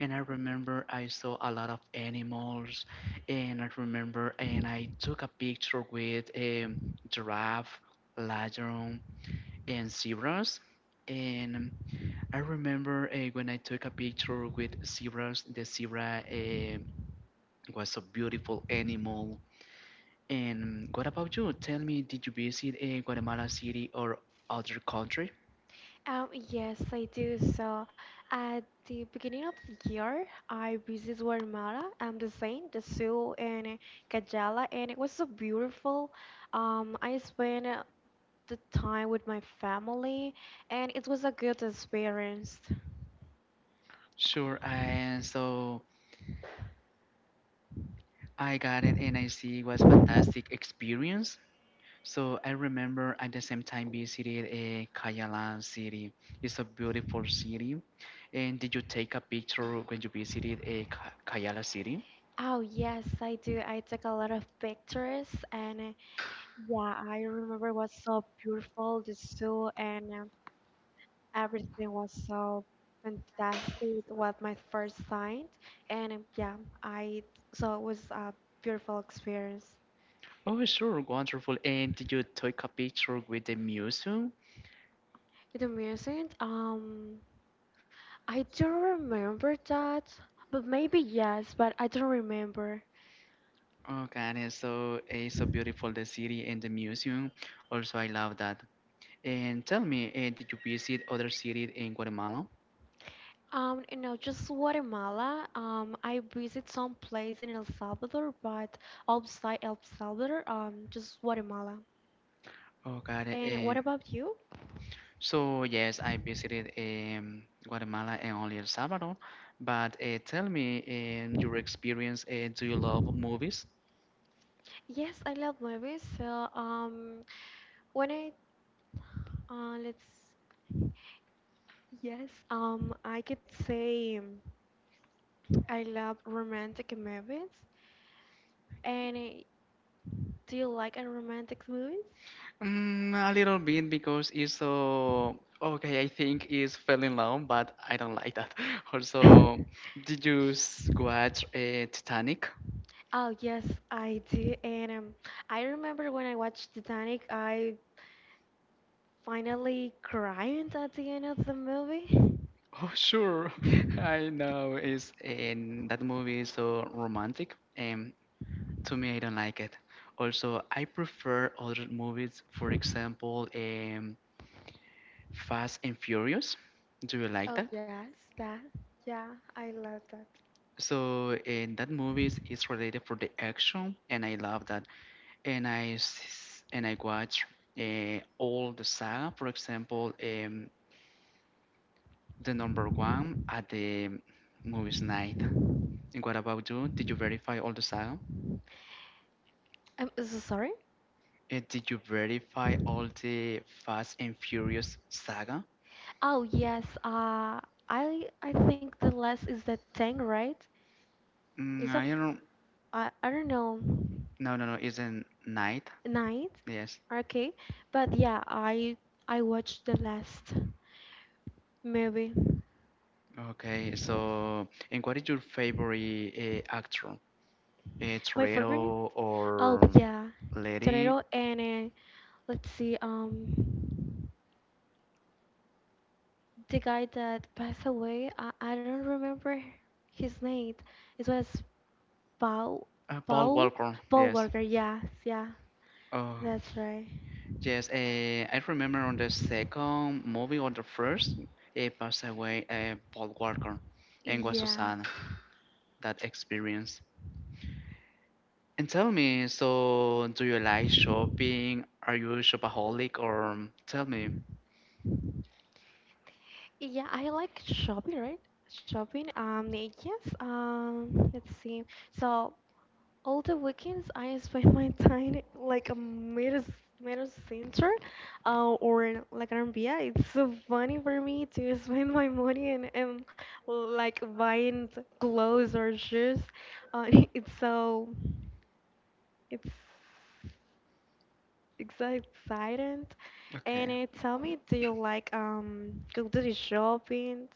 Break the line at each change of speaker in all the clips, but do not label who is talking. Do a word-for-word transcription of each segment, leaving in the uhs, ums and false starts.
And I
Mhm.
remember I saw a lot of animals. And I remember, and I took a picture with a giraffe, lion, and zebras. And I remember uh, when I took a picture with zebras. The zebra uh, was a beautiful animal. And what about you? Tell me, did you visit uh, Guatemala City or other country?
Um, yes, I do. So, at the beginning of the year, I visited Guatemala, um, the Saint, the Sioux, and Cajala, and it was so beautiful. Um, I spent the time with my family and it was a good experience.
Sure. And so I got it, and I see it was fantastic experience. So I remember at the same time visited uh, Cayala City. It's a beautiful city. And did you take a picture when you visited uh, Ca- Cayala City?
Oh, yes, I do. I took a lot of pictures and uh, yeah, I remember it was so beautiful, the zoo and um, everything was so fantastic. It was my first sight and um, yeah, I so it was a beautiful experience.
Oh, sure, wonderful. And did you take a picture with the museum?
The music, um, I don't remember that, but maybe yes, but I don't remember.
Oh, God, it's so it's so beautiful the city and the museum. Also, I love that. And tell me, eh, did you visit other cities in Guatemala?
Um, you know, just Guatemala. Um, I visit some place in El Salvador, but outside El Salvador, um, just Guatemala.
Oh, God,
And what
um,
about you?
so yes, I visited um, Guatemala and only El Salvador. But uh, tell me, um, your experience. Uh, do you love movies?
Yes, I love movies. So, um, when I, uh, let's, yes, um, I could say um, I love romantic movies. And uh, do you like uh, romantic movies?
Mm, a little bit because it's so okay. I think it's fell in love, but I don't like that. Also, did you s- watch uh, Titanic?
Oh yes, I do. And um, I remember when I watched Titanic, I finally cried at the end of the movie.
Oh, sure. I know it's in that movie is so romantic, and to me, I don't like it. Also, I prefer other movies. For example, um, Fast and Furious. Do you like
Oh
that?
yes, that. Yeah, I love that.
So, in that movies is related for the action, and I love that. and I s- and I watch uh, all the saga. For example, um, the number one at the movies night. And what about you? Did you verify all the saga?
I'm so sorry.
Uh, did you verify all the Fast and Furious saga?
Oh yes, uh, I I think the last is the tank, right?
Mm,
Is a
I don't.
I I don't know.
No, no, no. It's a night.
Night?
Yes.
Okay. But yeah, I I watched the last movie.
Okay. So, and what is your favorite uh, actor? Uh,
My favorite?
Toretto
Oh
or
yeah.
Lady?
Torero and uh, let's see, um the guy that passed away, I, I don't remember his name. It was Paul
Uh, Paul
Paul
Walker.
Paul
Yes.
Walker, yes, yeah.
Oh.
That's right.
Yes, uh, I remember on the second movie or the first, it passed away uh, Paul Walker, and was so
Yeah.
sad that experience. And tell me, so do you like shopping? Are you a shopaholic or tell me?
Yeah, I like shopping, right? Shopping. Um, yes. Um, let's see. So all the weekends I spend my time like a middle middle center, uh, or like an R B A. It's so funny for me to spend my money and, and like buying th- clothes or shoes. Uh, it's so it's it's so exciting. And
Okay.
it tell me, do you like um go to the shopping?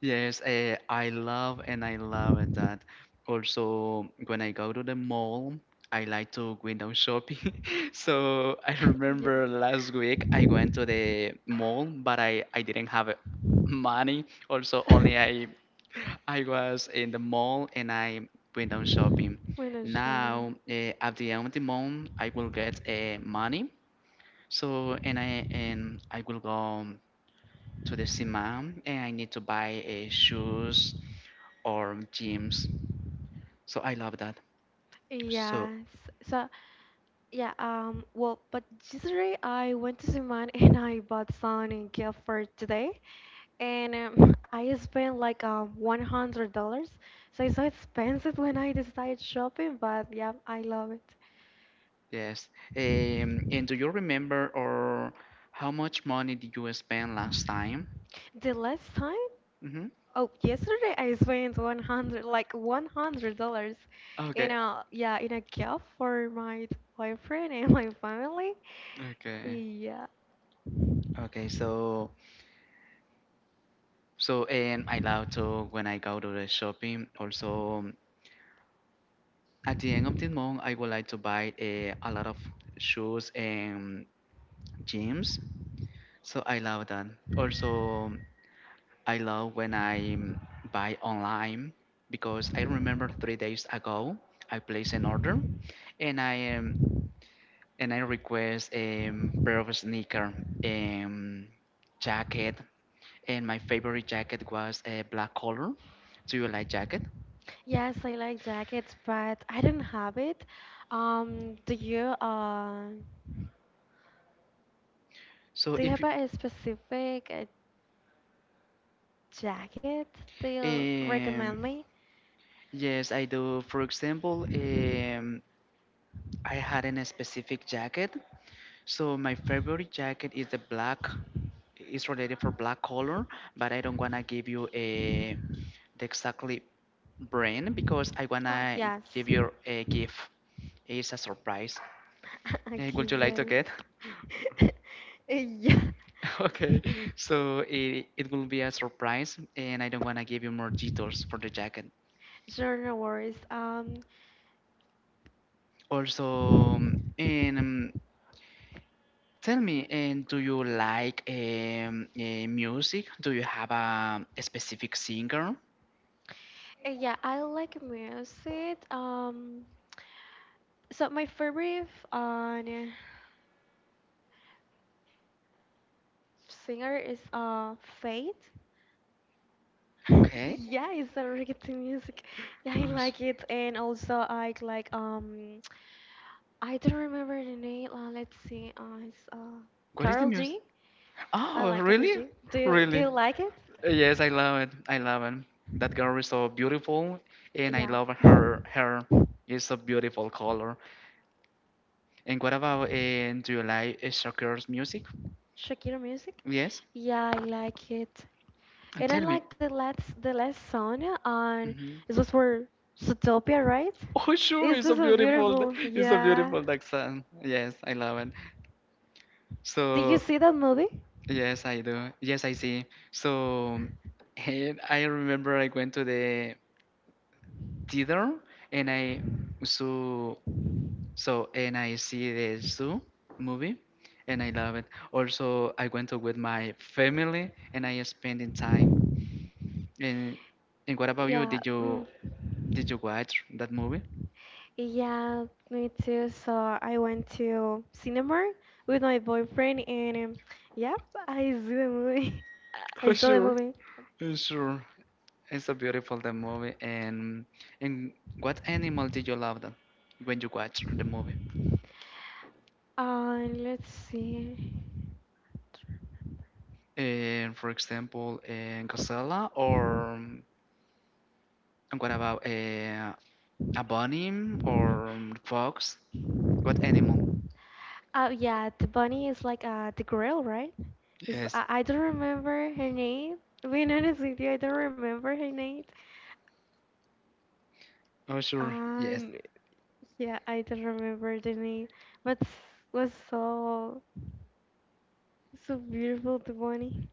Yes, eh, I love and I love it that also when I go to the mall, I like to window shopping. So I remember last week I went to the mall, but I, I didn't have uh, money. Also, only I I was in the mall and I went down shopping. Now,
Financially,
eh, at the end of the month, I will get eh, money. So, and I and I will go to the cinema and I need to buy eh, shoes or gyms. So I love that. So
yes, so yeah, um well, but yesterday I went to Suman and I bought some gift for today and um, I spent like uh, one hundred dollars. So it's so expensive when I decided shopping, but yeah, I love it.
yes. Um, and do you remember or how much money did you spend last time?
The last time,
Mm-hmm.
oh, yesterday I spent one hundred, like one hundred dollars in
Okay.
a, yeah, in a gift for my boyfriend and my family.
Okay.
Yeah.
Okay. So so and I love to when I go to the shopping. Also at the end of the month, I would like to buy a, a lot of shoes and gyms. So I love that. Also I love when I mm, buy online because I remember three days ago I placed an order and I um, and I request a pair of sneaker um, jacket and my favorite jacket was a black color. Do you like jacket?
Yes, I like jackets, but I don't have it. Um, do you, uh,
So
do you
if
have
you-
a specific uh, jacket that you
um,
recommend me?
yes, I do. For example, um, I had a specific jacket. So my favorite jacket is the black. It's related for black color, but I don't wanna give you a the exactly brand because I
Oh,
wanna
yes.
give you a gift. It's a surprise.
I
Eh,
can
would you like
get
to get?
it. Yeah,
Okay, so it, it will be a surprise, and I don't wanna give you more details for the jacket.
sure, no worries. Um,
Also, um, and um, tell me, and do you like um, eh, music? Do you have a, a specific singer?
uh, yeah, I like music. Um, so my favorite uh, singer is uh Faith.
Okay.
Yeah, it's a reggaeton music. Yeah, I
Us-
like it, and also I like um, I don't remember the name. Uh, let's see. Uh, it's uh
What is the
Carol
music?
G. I
Oh,
like Carol
really?
G. Do you do
Really?
you like it?
Yes, I love it. I love it. That girl is so beautiful, and I
Yeah.
love her. Her is a beautiful color. And what about and do you like uh, Shakira's music?
Shakira music?
Yes,
Yeah, I like it.
and
And I
tell me.
like the last the last song on
Hmm.
it was for Zootopia, right?
Oh, sure,
This
it's a
is so
beautiful,
beautiful.
it's a
Yeah.
beautiful Daxan. Yes, I love it.
Did you
So
see that movie?
yes, I do. Yes, I see. So and I remember I went to the theater, and I saw. So, and I see the Zoo movie and I love it. Also, I went to with my family and I spending time. And, and what about you?
Yeah.
Did you
Mm.
did you watch that movie?
Yeah, me too. So I went to cinema with my boyfriend and um, yeah, I saw the movie.
Oh,
I saw the
sure.
movie.
Uh, sure. It's a beautiful the movie and and what animal did you love then when you watch the movie?
Uh, let's see.
And for example, a gazelle or um, and what about a a bunny or um, fox? What animal?
Oh yeah, the bunny is like uh the girl, right? Is
Yes.
I, I don't remember her name. Being honest with you, I don't remember her name.
Oh, sure. Yes.
And yeah, I don't remember the name, but was so so beautiful the bunny.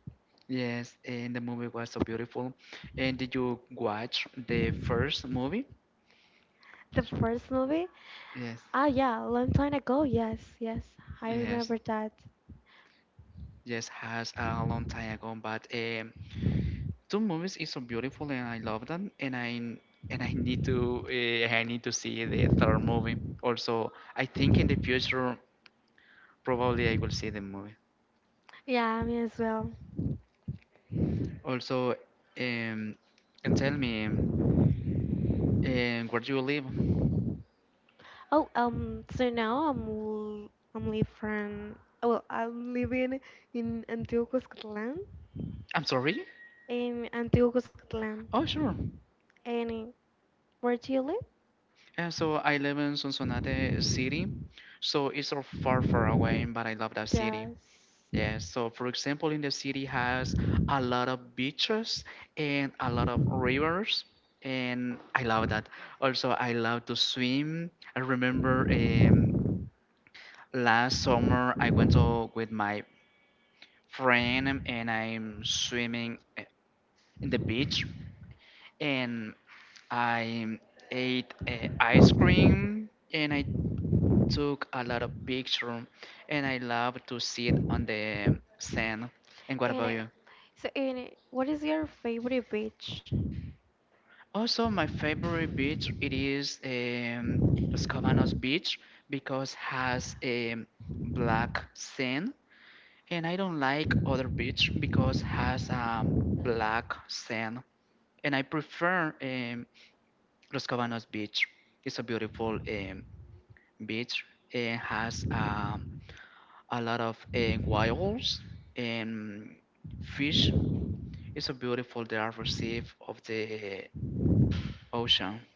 Yes. And the movie was so beautiful. And did you watch the first movie?
The first movie.
Yes.
Ah yeah, a long time ago. Yes, yes, I
Yes.
remember that.
Yes. Has a long time ago, but um, two movies is so beautiful, and I love them. And I and I need to uh, I need to see the third movie. Also, I think in the future probably I will see the movie.
Yeah, me as well.
Also, um, and tell me, um, where do you live?
Oh, um, so now I'm l- I'm live from, well, I'm living in Antioquia, Scotland.
I'm sorry.
In Antigua Cuscatlán.
Oh, sure.
And in, where do you live?
And so I live in Sonsonate City, so it's so far, far away, but I love that city.
Yes.
Yeah, so for example, in the city has a lot of beaches and a lot of rivers, and I love that. Also, I love to swim. I remember um, last summer I went to, with my friend and I'm swimming uh, in the beach, and I ate uh, ice cream, and I took a lot of pictures, and I love to sit on the sand. And what
And
about
uh,
you?
so, and uh, what is your favorite beach?
Also, my favorite beach it is um, Los Cabanos Beach because has a black sand, and I don't like other beach because has um, black sand, and I prefer um, Los Cabanos Beach. It's a beautiful um, beach. It has a a lot of uh, whales and fish. It's so beautiful the are received of the ocean.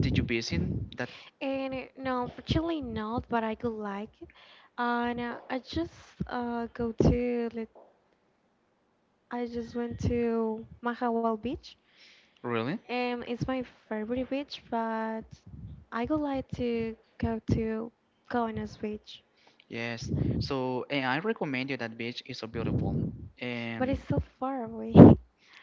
Did you visit that?
And uh, no, unfortunately not, but I could like it. And uh, I just uh, go to, let's, I just went to Mahawal Beach.
Really?
Um, it's my favorite beach, but I would like to go to Kaunas Beach,
Yes. So and I recommend you that beach. It's so beautiful.
but it's
And
so far away.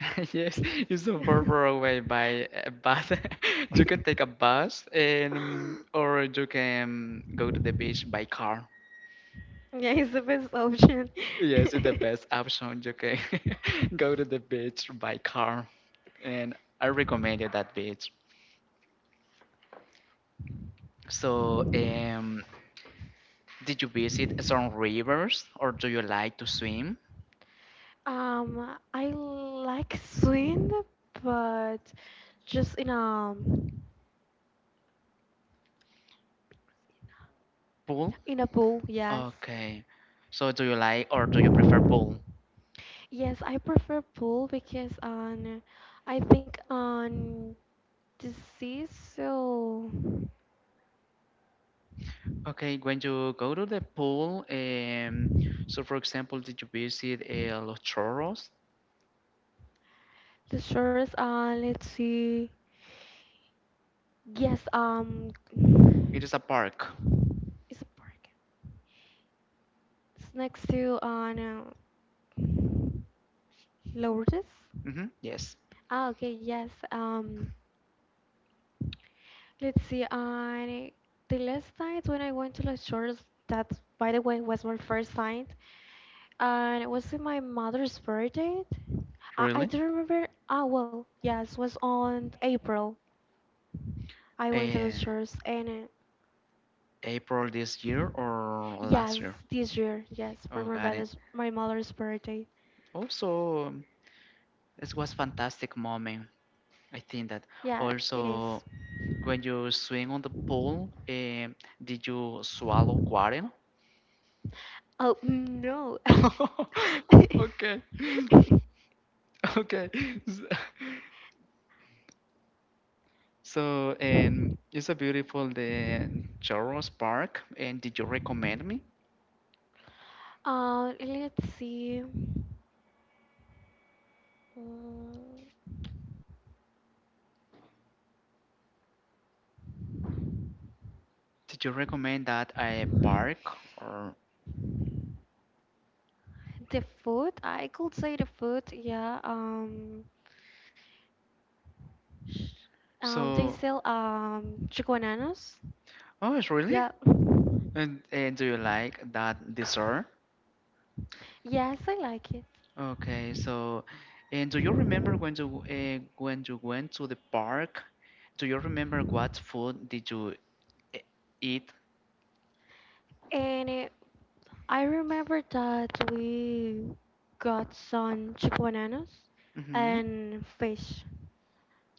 yes, it's so far, far away by a bus. You can take a bus and or you can go to the beach by car.
Yeah, it's the best option.
Yes, it's the best option. You can go to the beach by car, and I recommended that beach. So, um, did you visit some rivers or do you like to swim?
Um, I like swim, but just in a
Pool?
in a pool. Yes,
Okay. So, do you like or do you prefer pool?
yes, I prefer pool because on I think on the sea, so
Okay, when you go to the pool, um, so for example, did you visit uh, Los Chorros?
the shores. Uh, let's see. Yes, um,
It is a park.
it's a park. It's next to on uh, no, Lourdes.
Mm-hmm. Yes.
Ah, okay. Yes. Um. Let's see. I the last night when I went to Las Shores, that, by the way, was my first night, and it was in my mother's birthday. I, I
Really?
do remember. Ah, well, yes, was on April. I went to Las
Uh,
Shores, and
April this
uh,
year or
yes,
last year?
this year, yes, for
Oh,
my
got it.
brother's my mother's birthday.
Also, it was fantastic moment. I think that
Yeah, it is.
also. When you swim on the pool, um, did you swallow water?
Oh no.
Okay, okay. S- So, um, it's a beautiful the Chorro's Park. And did you recommend me?
Uh, let's see. Mm,
Did you recommend that a park or
the food, I could say the food, yeah. Um, sh- um, they
so?
sell um chicken bananas.
Oh, it's really?
Yeah.
And, and do you like that dessert?
Yes, I like it.
Okay, so, and do you remember when you uh, when you went to the park? Do you remember what food did you e- eat?
And it, I remember that we got some chicken bananas
Mm-hmm.
and fish.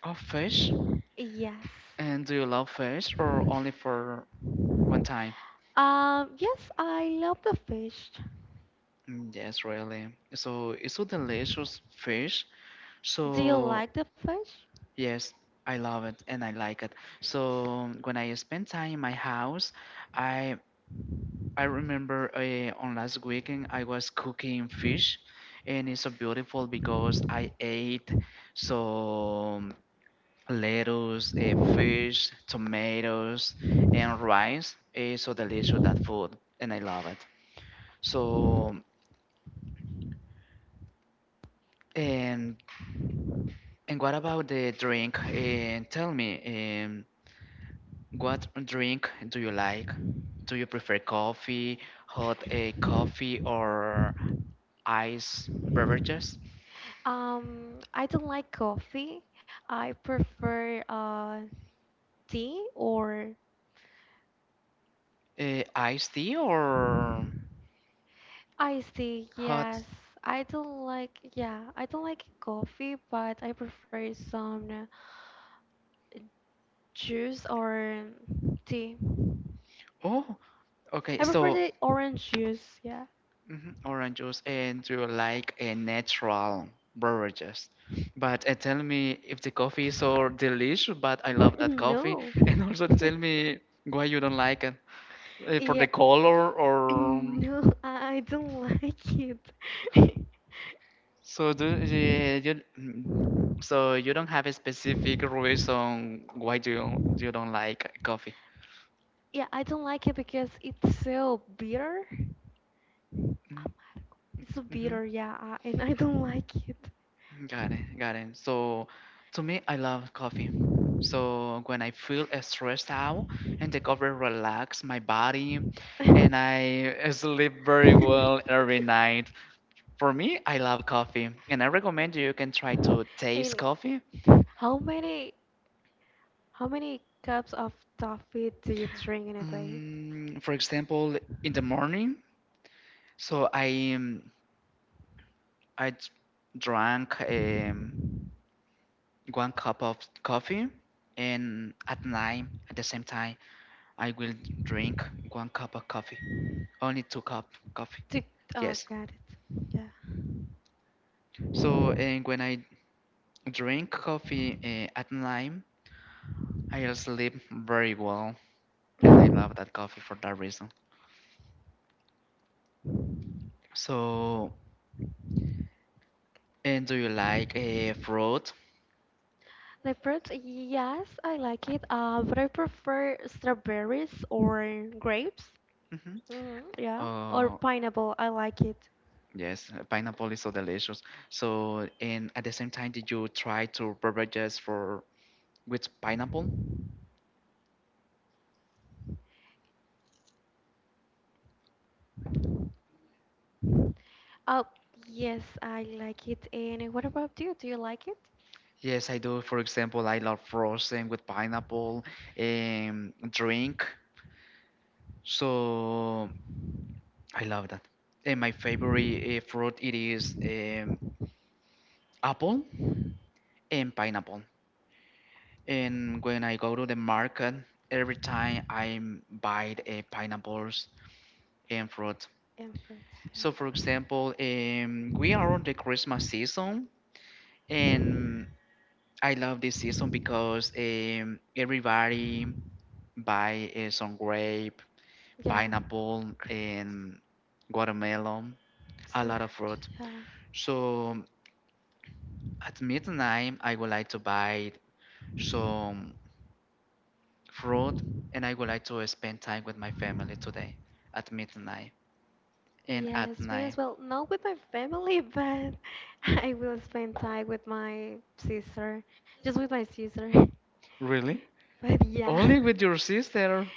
Oh, fish.
Yes.
And do you love fish or only for one time?
Um, yes, I love the fish.
Mm, yes, really. So it's so delicious fish.
Do you
So
like the fish?
yes, I love it and I like it. So when I spend time in my house, I I remember uh, on last weekend I was cooking fish, and it's so beautiful because I ate some lettuce, uh, fish, tomatoes, and rice. It's so delicious that food, and I love it. So, and and what about the drink? And tell me, um, what drink do you like? Do you prefer coffee, hot uh, coffee, or ice beverages?
Um, I don't like coffee. I prefer uh tea or
Uh, iced tea or
iced tea.
hot?
Yes, I don't like, yeah, I don't like coffee, but I prefer some juice or tea.
Oh, okay.
I prefer
So,
the orange juice. Yeah.
mhm, orange juice. And do you like a natural beverages? But uh, tell me if the coffee is so delicious, but I love that coffee.
No.
And also tell me why you don't like it uh, for
Yeah.
the color or
No, I I don't like it.
so do uh, you mm, so you don't have a specific reason why do you, you don't like coffee.
Yeah, I don't like it because it's so bitter. Amargo.
Mm-hmm.
It's so
Mm-hmm.
bitter, yeah, uh, and I don't like it.
Got it, got it. So, to me, I love coffee. So when I feel stressed out and the coffee relax my body, and I sleep very well every night. For me, I love coffee, and I recommend you can try to taste
And
coffee.
how many how many cups of coffee do you drink in a day?
Mm, for example, in the morning, so I um, I d- drank um, one cup of coffee, and at night at the same time. I will drink one cup of coffee, only two cup coffee.
To oh,
Yes.
got it. Yeah.
So and when I drink coffee uh, at night, I'll sleep very well, and I love that coffee for that reason. So and do you like a fruit?
Like fruits, yes, I like it. Uh, but I prefer strawberries or grapes.
Mm-hmm.
Hmm, yeah, or
Uh,
pineapple. I like it.
yes, uh, pineapple is so delicious. So and at the same time, did you try to beverages for with pineapple?
Oh, yes, I like it. And what about you? Do you like it?
Yes, I do. For example, I love frozen with pineapple um, drink. So I love that. And my favorite uh, fruit it is um, apple and pineapple. And when I go to the market, every time I buy uh, pineapples and fruit.
And fruits,
So for
yeah.
example, um, we are on the Christmas season, and I love this season because um, everybody buy uh, some grape,
Yeah.
pineapple,
Great.
and watermelon, a lot of
Celebrate.
fruit.
Yeah.
So at midnight, I would like to buy some fruit and I would like to spend time with my family today at midnight and at
Yes, me
night.
as well. Not with my family, but I will spend time with my sister. Just with my sister.
Really?
But yeah.
Only with your sister.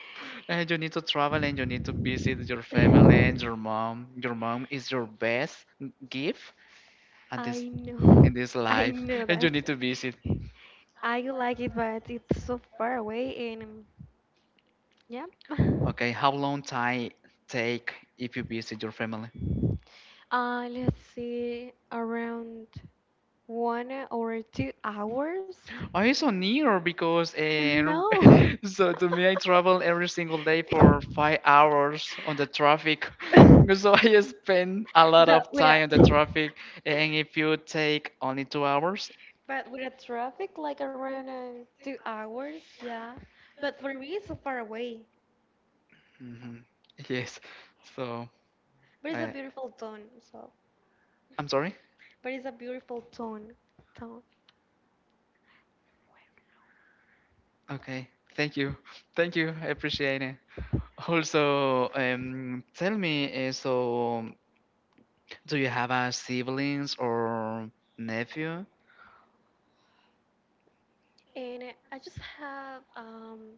And you need to travel and you need to visit your family and your mom. Your mom is your best gift at this
I know.
in this
I
life
know
and you
that.
need to visit.
I like it, but it's so far away and um, yeah.
Okay, how long time take if you visit your family?
Uh, let's see, around one or two hours?
I so near because and
No.
so to me I travel every single day for five hours on the traffic. So I spend a lot
So
of
with a,
time on the traffic and if you take only two hours,
but with a traffic like around uh, two hours, yeah. But for me, it's so far away.
hmm yes. So
But it's a
I
beautiful town, so.
I'm sorry?
But it's a beautiful town, town.
Okay. Thank you. Thank you. I appreciate it. Also, um, tell me, uh, so do you have a siblings or nephew?
And uh, I just have um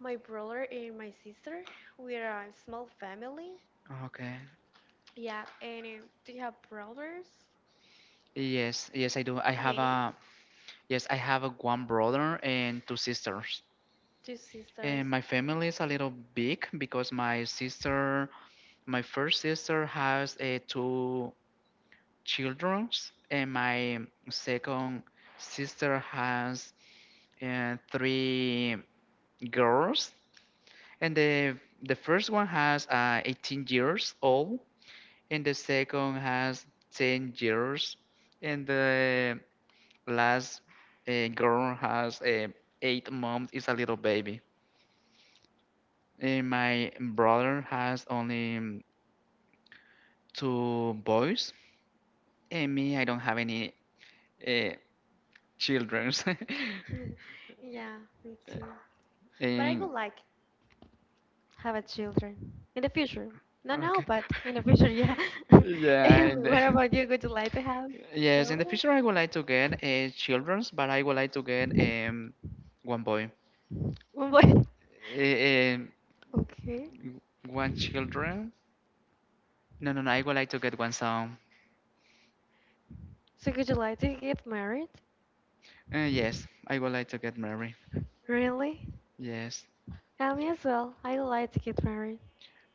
my brother and my sister. We are a small family.
Okay.
Yeah, and uh, do you have brothers?
Yes, yes, I do. I
How
have
many?
a yes, I have a one brother and two sisters.
Two sisters.
And my family is a little big because my sister, my first sister has uh, two children, and my second sister has uh, three girls. And the the first one has uh, eighteen years old, and the second has ten years, and the last uh, girl has uh, eight months is a little baby and my brother has only um, two boys and me I don't have any uh, children.
Yeah, me too. But I would
And
like have a children in the future. Not now,
okay,
but in the future, yeah.
yeah
And
and uh,
what about you? Would you like to have
yes, in the
children?
future I would like to get uh, children's but I would like to get um one boy,
One boy.
uh,
Okay.
one children, no no no I would like to get one son.
So would you like to get married?
Uh, yes, I would like to get married.
Really?
Yes.
Um, as well, I like to get married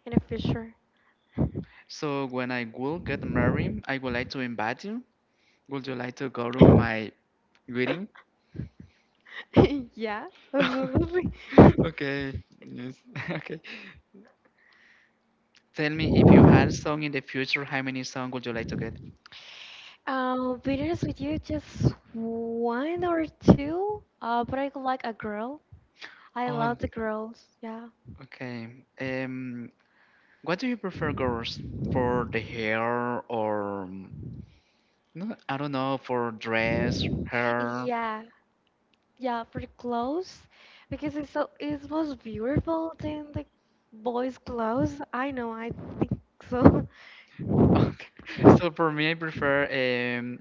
in the future.
So when I will get married, I would like to invite you. Would you like to go to my wedding?
Yeah, absolutely.
Okay. Yes. Okay. Tell me, if you had song in the future, how many song would you like to get?
Um, be honest with you, just one or two. Uh, but I like a girl. I
Oh,
love the girls. Yeah,
okay. Um, what do you prefer, girls? For the hair or um, no, I don't know, for dress, hair.
yeah, yeah. Pretty close, because it's so it's most beautiful than the boys' clothes. I know. I think so.
Okay. So for me, I prefer um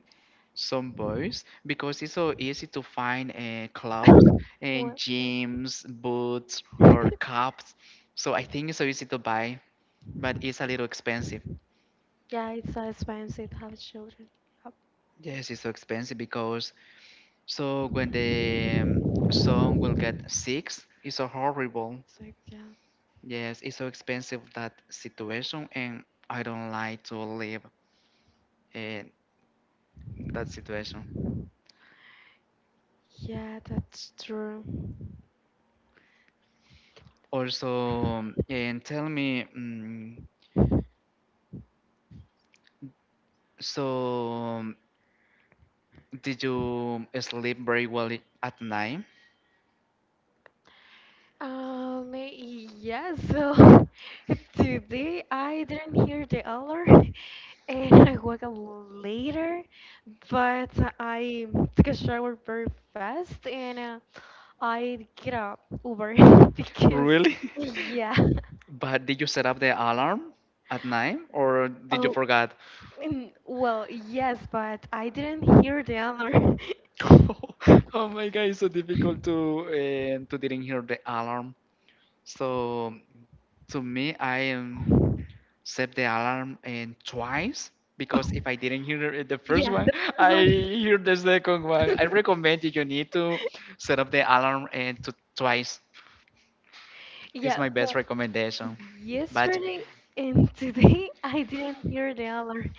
some boys because it's so easy to find uh, clothes and
Well, yeah.
jeans, boots, or cups. So I think it's so easy to buy, but it's a little expensive.
Yeah, it's so expensive to have children. Yeah,
Yes, it's so expensive because so when the um, son will get sick, it's so horrible.
so yeah.
Yes, it's so expensive that situation, and I don't like to live in that situation.
Yeah, that's true.
Also, um, and tell me, mm so um, did you sleep very well i- at night?
Um, yeah, so today I didn't hear the alarm and I woke up later, but I took a shower very fast and uh, I get up Uber because,
Really?
yeah.
But did you set up the alarm at night or did you
Oh,
forget?
mm, well, yes, but I didn't hear the alarm.
Oh my god, it's so difficult to and to didn't hear the alarm. So to me, I um, set the alarm and twice because if I didn't hear it the first
Yeah, the
one,
first
I
one.
hear the second one. I recommend that you need to set up the alarm and to twice. It's
Yeah,
my best
well,
recommendation. But
yesterday and today I didn't hear the alarm.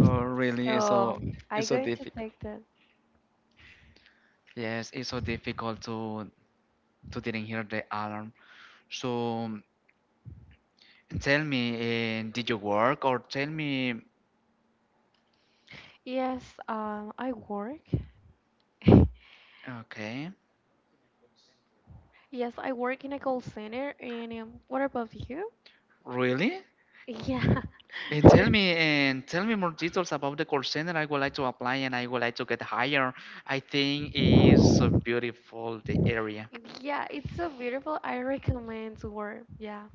oh, really? It's
So
so
I
it's so
going to
difficult.
take that.
Yes, it's so difficult to to didn't hear the alarm. So tell me, uh, did you work or tell me?
Yes, um, I work.
Okay,
Yes, I work in a call center. And um, what about you?
really?
Yeah.
And tell me and tell me more details about the call center. I would like to apply and I would like to get hired. I think it's so beautiful the area.
Yeah, it's so beautiful. I recommend work. Yeah.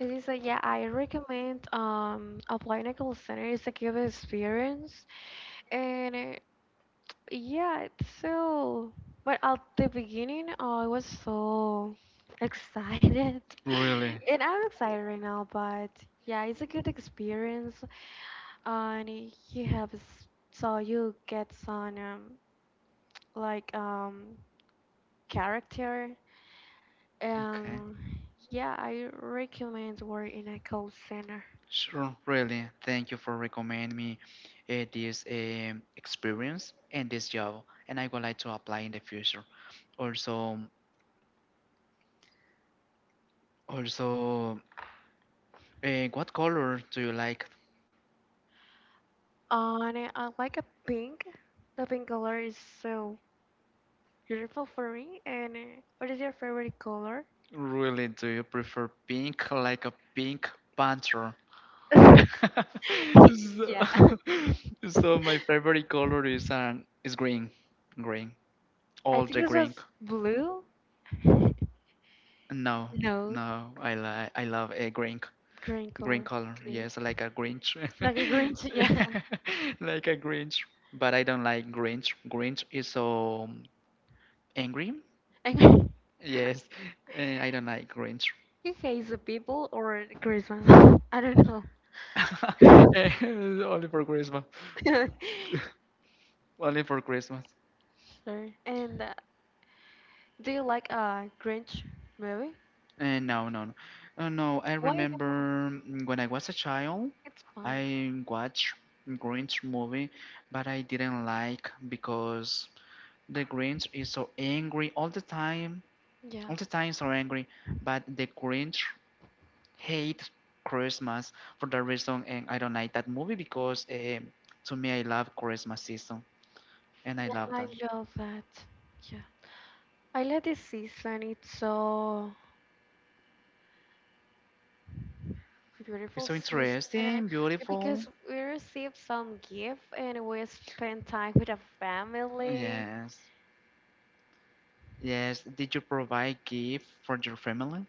It is a, yeah, I recommend um applying a call center. It's a good experience. And uh, yeah, so, but at the beginning, oh, I was so excited.
Really?
And I'm excited right now, but yeah, it's a good experience. And you have, s- so you get some, um, like, um, character. And yeah, I recommend work in a call center.
Sure, really. Thank you for recommending me uh, this um experience and this job, and I would like to apply in the future. Also, also, uh, what color do you like?
And I I like a pink. The pink color is so beautiful for me. And uh, what is your favorite color?
Really, do you prefer pink, like a pink panther? So,
Yeah,
so my favorite color is um is green, green,
I
all
think
the
this
green.
was blue.
No,
No,
no, I like I love a green.
green
Green
color.
color,
Okay,
yes, like a Grinch.
like a green too. Yeah,
Like a Grinch. But I don't like Grinch. Grinch is so angry.
and
Yes, eh, I don't like Grinch.
he hates the people or Christmas. I don't know.
Eh, only for Christmas. Only for Christmas.
Sorry. And uh, do you like a Grinch movie?
Eh, no, no, no. Oh, no, I
Why
remember
no?
mm, when I was a child,
It's
I
fun.
watched Grinch movie, but I didn't like because the Grinch is so angry all the time.
Yeah,
All the times are angry, but the Grinch hate Christmas for that reason, and I don't like that movie because um, to me I love Christmas season, and I love
I
that.
love that. Yeah, I love this season. It's so
It's
beautiful
so
seaside. uh,
interesting, beautiful.
Because we received some gift and we spent time with the family.
Yes, yes. Did you provide gift for your family?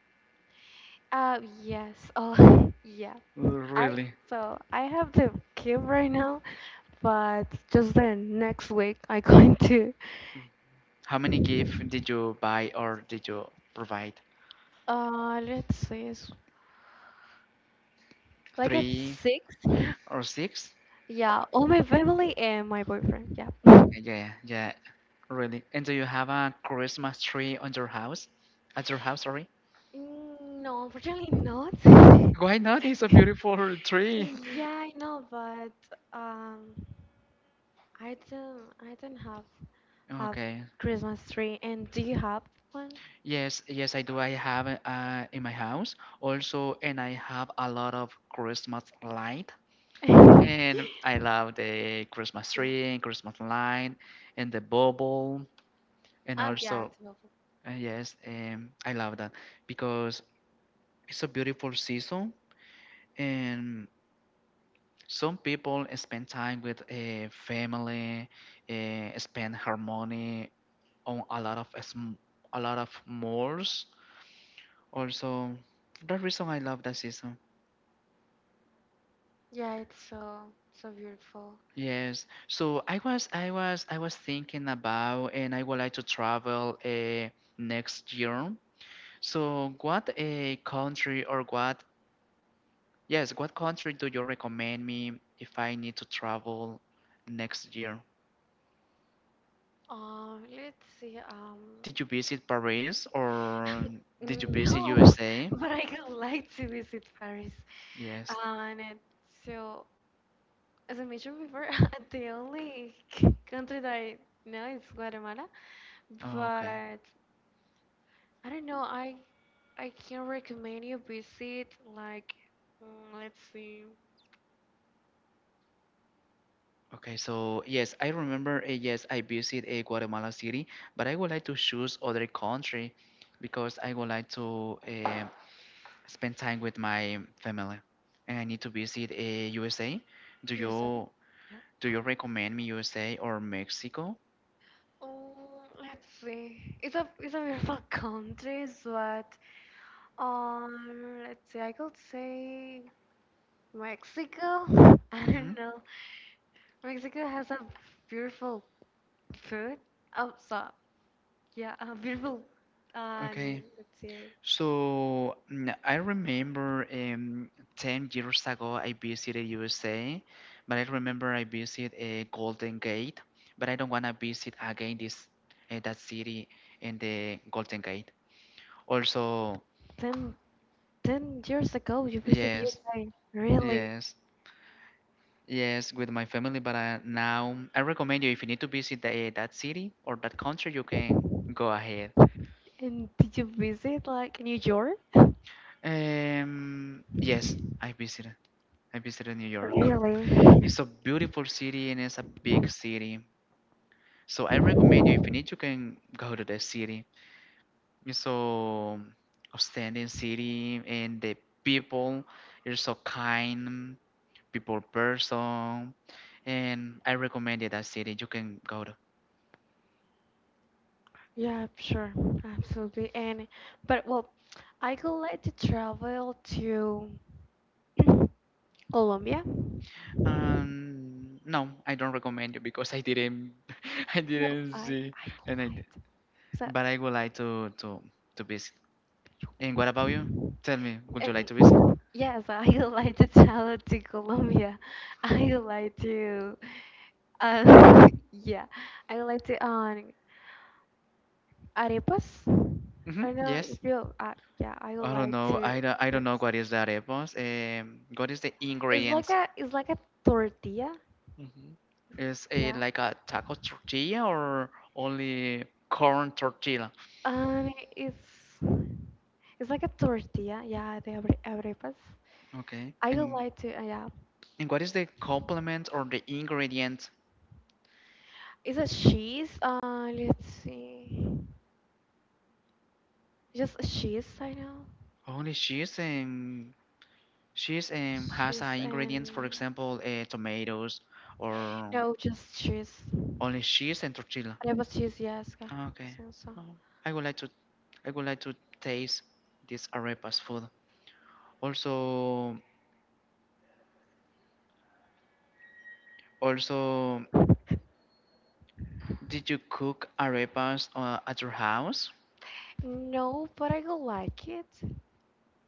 Uh, yes. Oh, yeah.
Uh,
I
Really?
so I have the gift right now, but just then next week I going to.
How many gift did you buy or did you provide?
Uh, let's see. It's like at
Three
six.
or six?
Yeah, all my family and my boyfriend. Yeah.
Okay, yeah, yeah, really. And do you have a Christmas tree on your house? At your house, sorry?
Mm, no, unfortunately not.
Why not? It's a beautiful tree.
Yeah, I know, but um, I don't, I don't have a
Okay.
Christmas tree. And do you have one?
Yes, yes, I do. I have it, uh, in my house also, and I have a lot of Christmas light. And I love the Christmas
Yeah.
tree and Christmas light and the bubble. And
Ah, yeah,
also,
it's lovely.
uh, yes, um, I love that because it's a beautiful season. And some people spend time with a family, uh, spend harmony on a lot of sm- a lot of malls. Also, that reason I love that season.
Yeah, it's so so beautiful.
Yes. So I was I was I was thinking about and I would like to travel uh, next year. So what a country or what yes, what country do you recommend me if I need to travel next year?
Um, let's see. Um,
Did you visit Paris or
no,
did you visit U S A?
but I would like to visit Paris.
Yes.
And it, so, as I mentioned before, the only c- country that I know is Guatemala.
Oh, okay.
But I don't know. I I can recommend you visit like, mm, let's see.
Okay, so yes, I remember. Uh, yes, I visit uh, Guatemala City, but I would like to choose other country because I would like to uh, spend time with my family, and I need to visit uh, U S A. Do
You're sorry?
you
Yeah.
do you recommend me U S A or Mexico?
Oh, let's see. It's a it's a beautiful country, but um, let's see. I could say Mexico. I
Mm-hmm.
don't know. Mexico has a beautiful food. Oh, so yeah, a beautiful. Uh, I mean,
Okay.
let's see.
So mm, I remember um, ten years ago I visited U S A, but I remember I visited uh, Golden Gate, but I don't want to visit again this uh, that city in the Golden Gate. Also,
Ten ten years ago, you visited
yes,
U K. Really?
yes, yes, with my family, but uh, now I recommend you if you need to visit the, eh, that city or that country, you can go ahead.
And did you visit like New York?
Um, yes, I visited. I visited New York.
Really?
It's a beautiful city and it's a big city. So I recommend you if you need you can go to that city. It's so outstanding city and the people are so kind, people person and I recommend you that city you can go to.
Yeah, sure, absolutely. And but well, I could like to travel to Colombia.
Um no, I don't recommend you because I didn't I
No,
didn't
I
see
I could
and I d-
like so
but I would like to to to visit. And what about you? Tell me, would you like to visit?
um yes, I would like to travel to Colombia. I would like to uh yeah, I would like to um arepas.
hmm
I don't know
Yes.
if you uh, yeah, I would
I don't
like
know.
to.
I don't, I don't know
It's,
what is that, Evans. Um, what is the
it's like
ingredients?
a, it's like a tortilla.
Mhm. Is it
Yeah.
like a taco tortilla or only corn tortilla?
And it's it's like a tortilla, yeah, the abre- arepas.
Okay.
I would
And
like to, uh, yeah.
and what is the complement or the ingredient?
Is it cheese? Uh, let's see. Just cheese, I know.
Only cheese and cheese um, has
Cheese
uh, ingredients. For
and
example, uh, tomatoes or
no, just cheese.
only cheese and tortilla.
Arepas cheese, yes, I
Ah,
think
okay.
so. So.
No, I would like to I would like to taste this arepas food. Also, also, did you cook arepas uh, at your house?
No, but I would like it.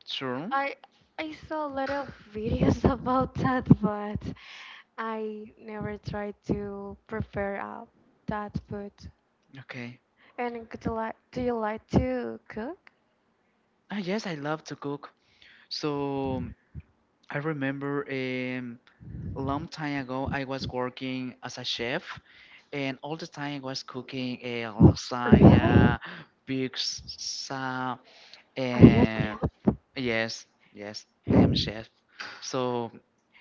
Sure.
I I saw a lot of videos about that, but I never tried to prepare uh, that food.
Okay.
And could you like, do you like to cook?
Ah, yes, I love to cook. So I remember um, a long time ago I was working as a chef, and all the time I was cooking a
Really?
lasagna, pizza,
Are you a
and
chef?
yes, yes, I am chef. So,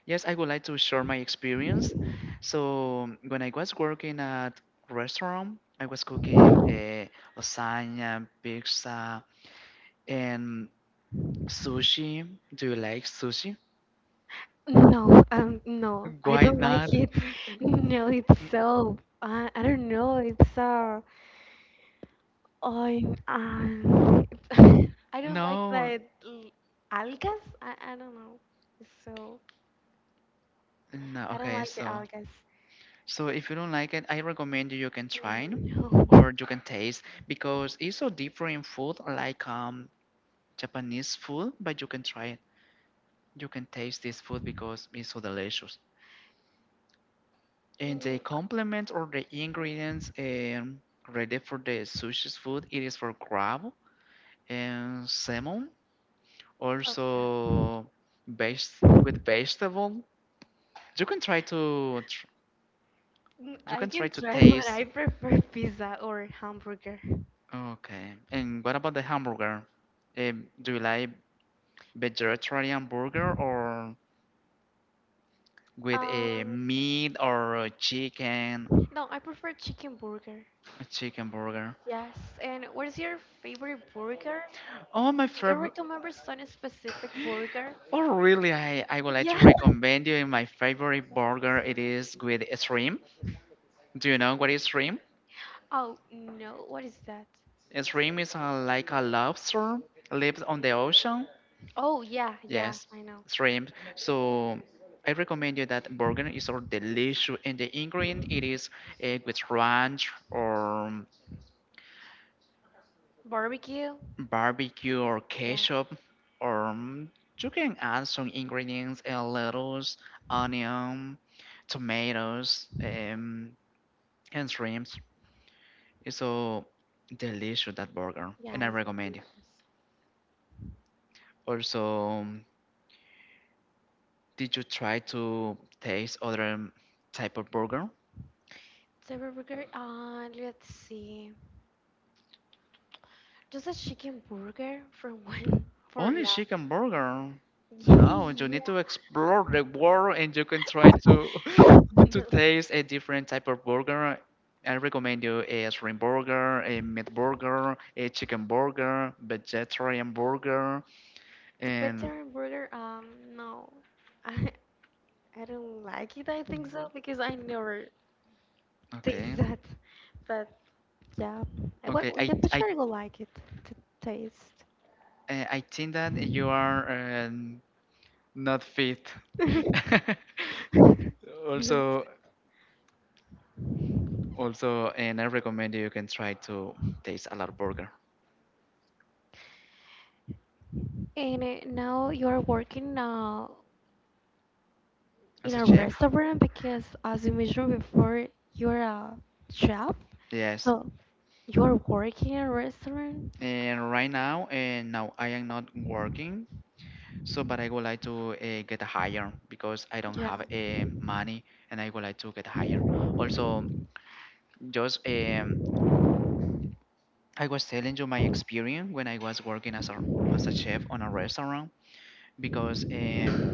yes, I would like to share my experience. So, when I was working at restaurant, I was cooking a lasagna, pizza, and sushi. Do you like sushi?
No, um, no, I
Why
don't like
not?
it. No, it's so, uh, I don't know, it's uh, I, um, I don't like
No,
the l- algas. I, I don't know. So
no.
I don't
Okay,
like the
so
algas.
so if you don't like it, I recommend you you can try it
No.
or you can taste because it's so different food like um Japanese food, but you can try it. You can taste this food because it's so delicious. And the
Mm,
complements or the ingredients um, ready for the sushi's food, it is for crab and salmon,
oh, yeah.
also based with vegetable. You can try to tr-
Mm,
you
I
can try
can
to
try, but
taste.
I prefer pizza or hamburger.
Okay. And what about the hamburger? Um, do you like vegetarian burger or with a
Um,
meat or a chicken,
no, I prefer chicken burger.
a chicken burger?
Yes, and what is your favorite burger?
Oh, my
Do you
favorite
remember some specific burger?
oh, really? I, I would like to
Yeah.
recommend you my favorite burger. It is with shrimp. Do you know what is shrimp?
Oh, no, what is that?
Shrimp is uh, like a lobster, lives on the ocean.
Oh, yeah, yeah,
Yes,
I know.
shrimp. So I recommend you that burger. It's so delicious, and the ingredient it is uh, with ranch or
Barbecue?
barbecue or
Yeah,
ketchup, or um, you can add some ingredients: uh, lettuce, onion, tomatoes, um, and shrimps. So delicious that burger,
yeah,
and I
it's
recommend it.
delicious.
Also, um, did you try to taste other type of burger?
Favorite burger? Uh, let's see. Just a chicken burger for one, for,
Only
yeah.
chicken burger. No, you
Yeah,
need to explore the world, and you can try to to
no.
taste a different type of burger. I recommend you a shrimp burger, a meat burger, a chicken burger, vegetarian burger,
The
and
vegetarian burger, um, no. I, I don't like it, I think so, because I never taste
okay,
that. But. Yeah, I well,
okay. I
the future
I
I would like it to taste.
uh, I think that you are. Um, not fit. Also, also, and I recommend you can try to taste a lot burger
And uh, now you're working uh, in
as a
a
chef.
restaurant because, as you mentioned before, you're a chef.
Yes,
So you're working in a restaurant.
and right now, and now I am not working. So, but I would like to uh, get higher because I don't
Yeah.
have uh, money, and I would like to get higher. Also, just um, I was telling you my experience when I was working as a as a chef on a restaurant because um,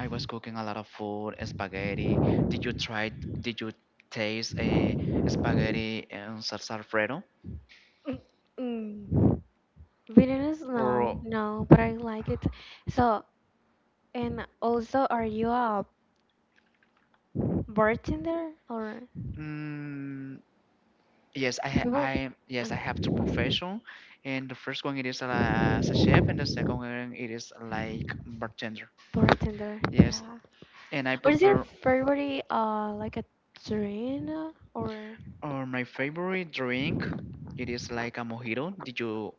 I was cooking a lot of food, spaghetti. Did you try? Did you taste a spaghetti and salsa Alfredo?
Mm. Mm. Vietnamese?
Or
No, no, but I like it. So, and also, are you a bartender or?
mm, yes, I
The
ha-
people
I
uh,
yes I have two profession, and the first one it is uh, as a chef, and the second one it is like bartender.
bartender,
Yes,
yeah.
and I
What is your
prepare
favorite uh like a drink or
uh, my favorite drink. It is like a mojito. Did you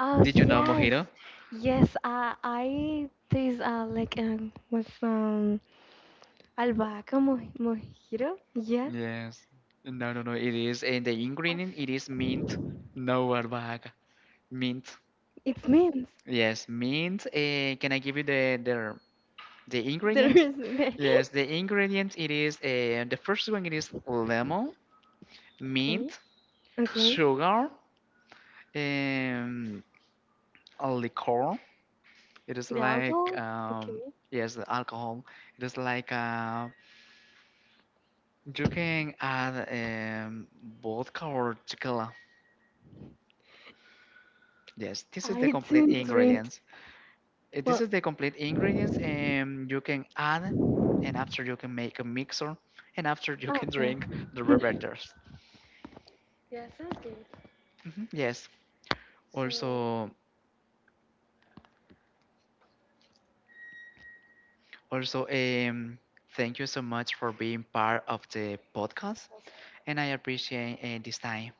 oh
did you know
yes.
mojito?
Yes, uh, I taste uh like um with um albahaca mo mojito. Yeah.
Yes. No, no, no. It is, and the ingredient it is
Uh,
mint. No, Arbag. Mint.
it means
Yes, mint. Uh, can I give you the the the
there
ingredient?
is mint.
Yes, the ingredient it is uh, the first one. It is lemon,
Okay.
mint,
Okay.
sugar, um, a liquor. It is
The
like
alcohol?
um,
Okay.
yes, the alcohol. It is like uh, you can add um, vodka or tequila. Yes, this is the
I
complete
didn't drink
ingredients. Uh, This
well
is the complete ingredients, and you can add, and after you can make a mixer, and after you
oh
can
yeah.
drink the beverages.
Yeah, sounds good.
Mhm, yes.
So
Also, also, um, thank you so much for being part of the podcast, and I appreciate uh, this time.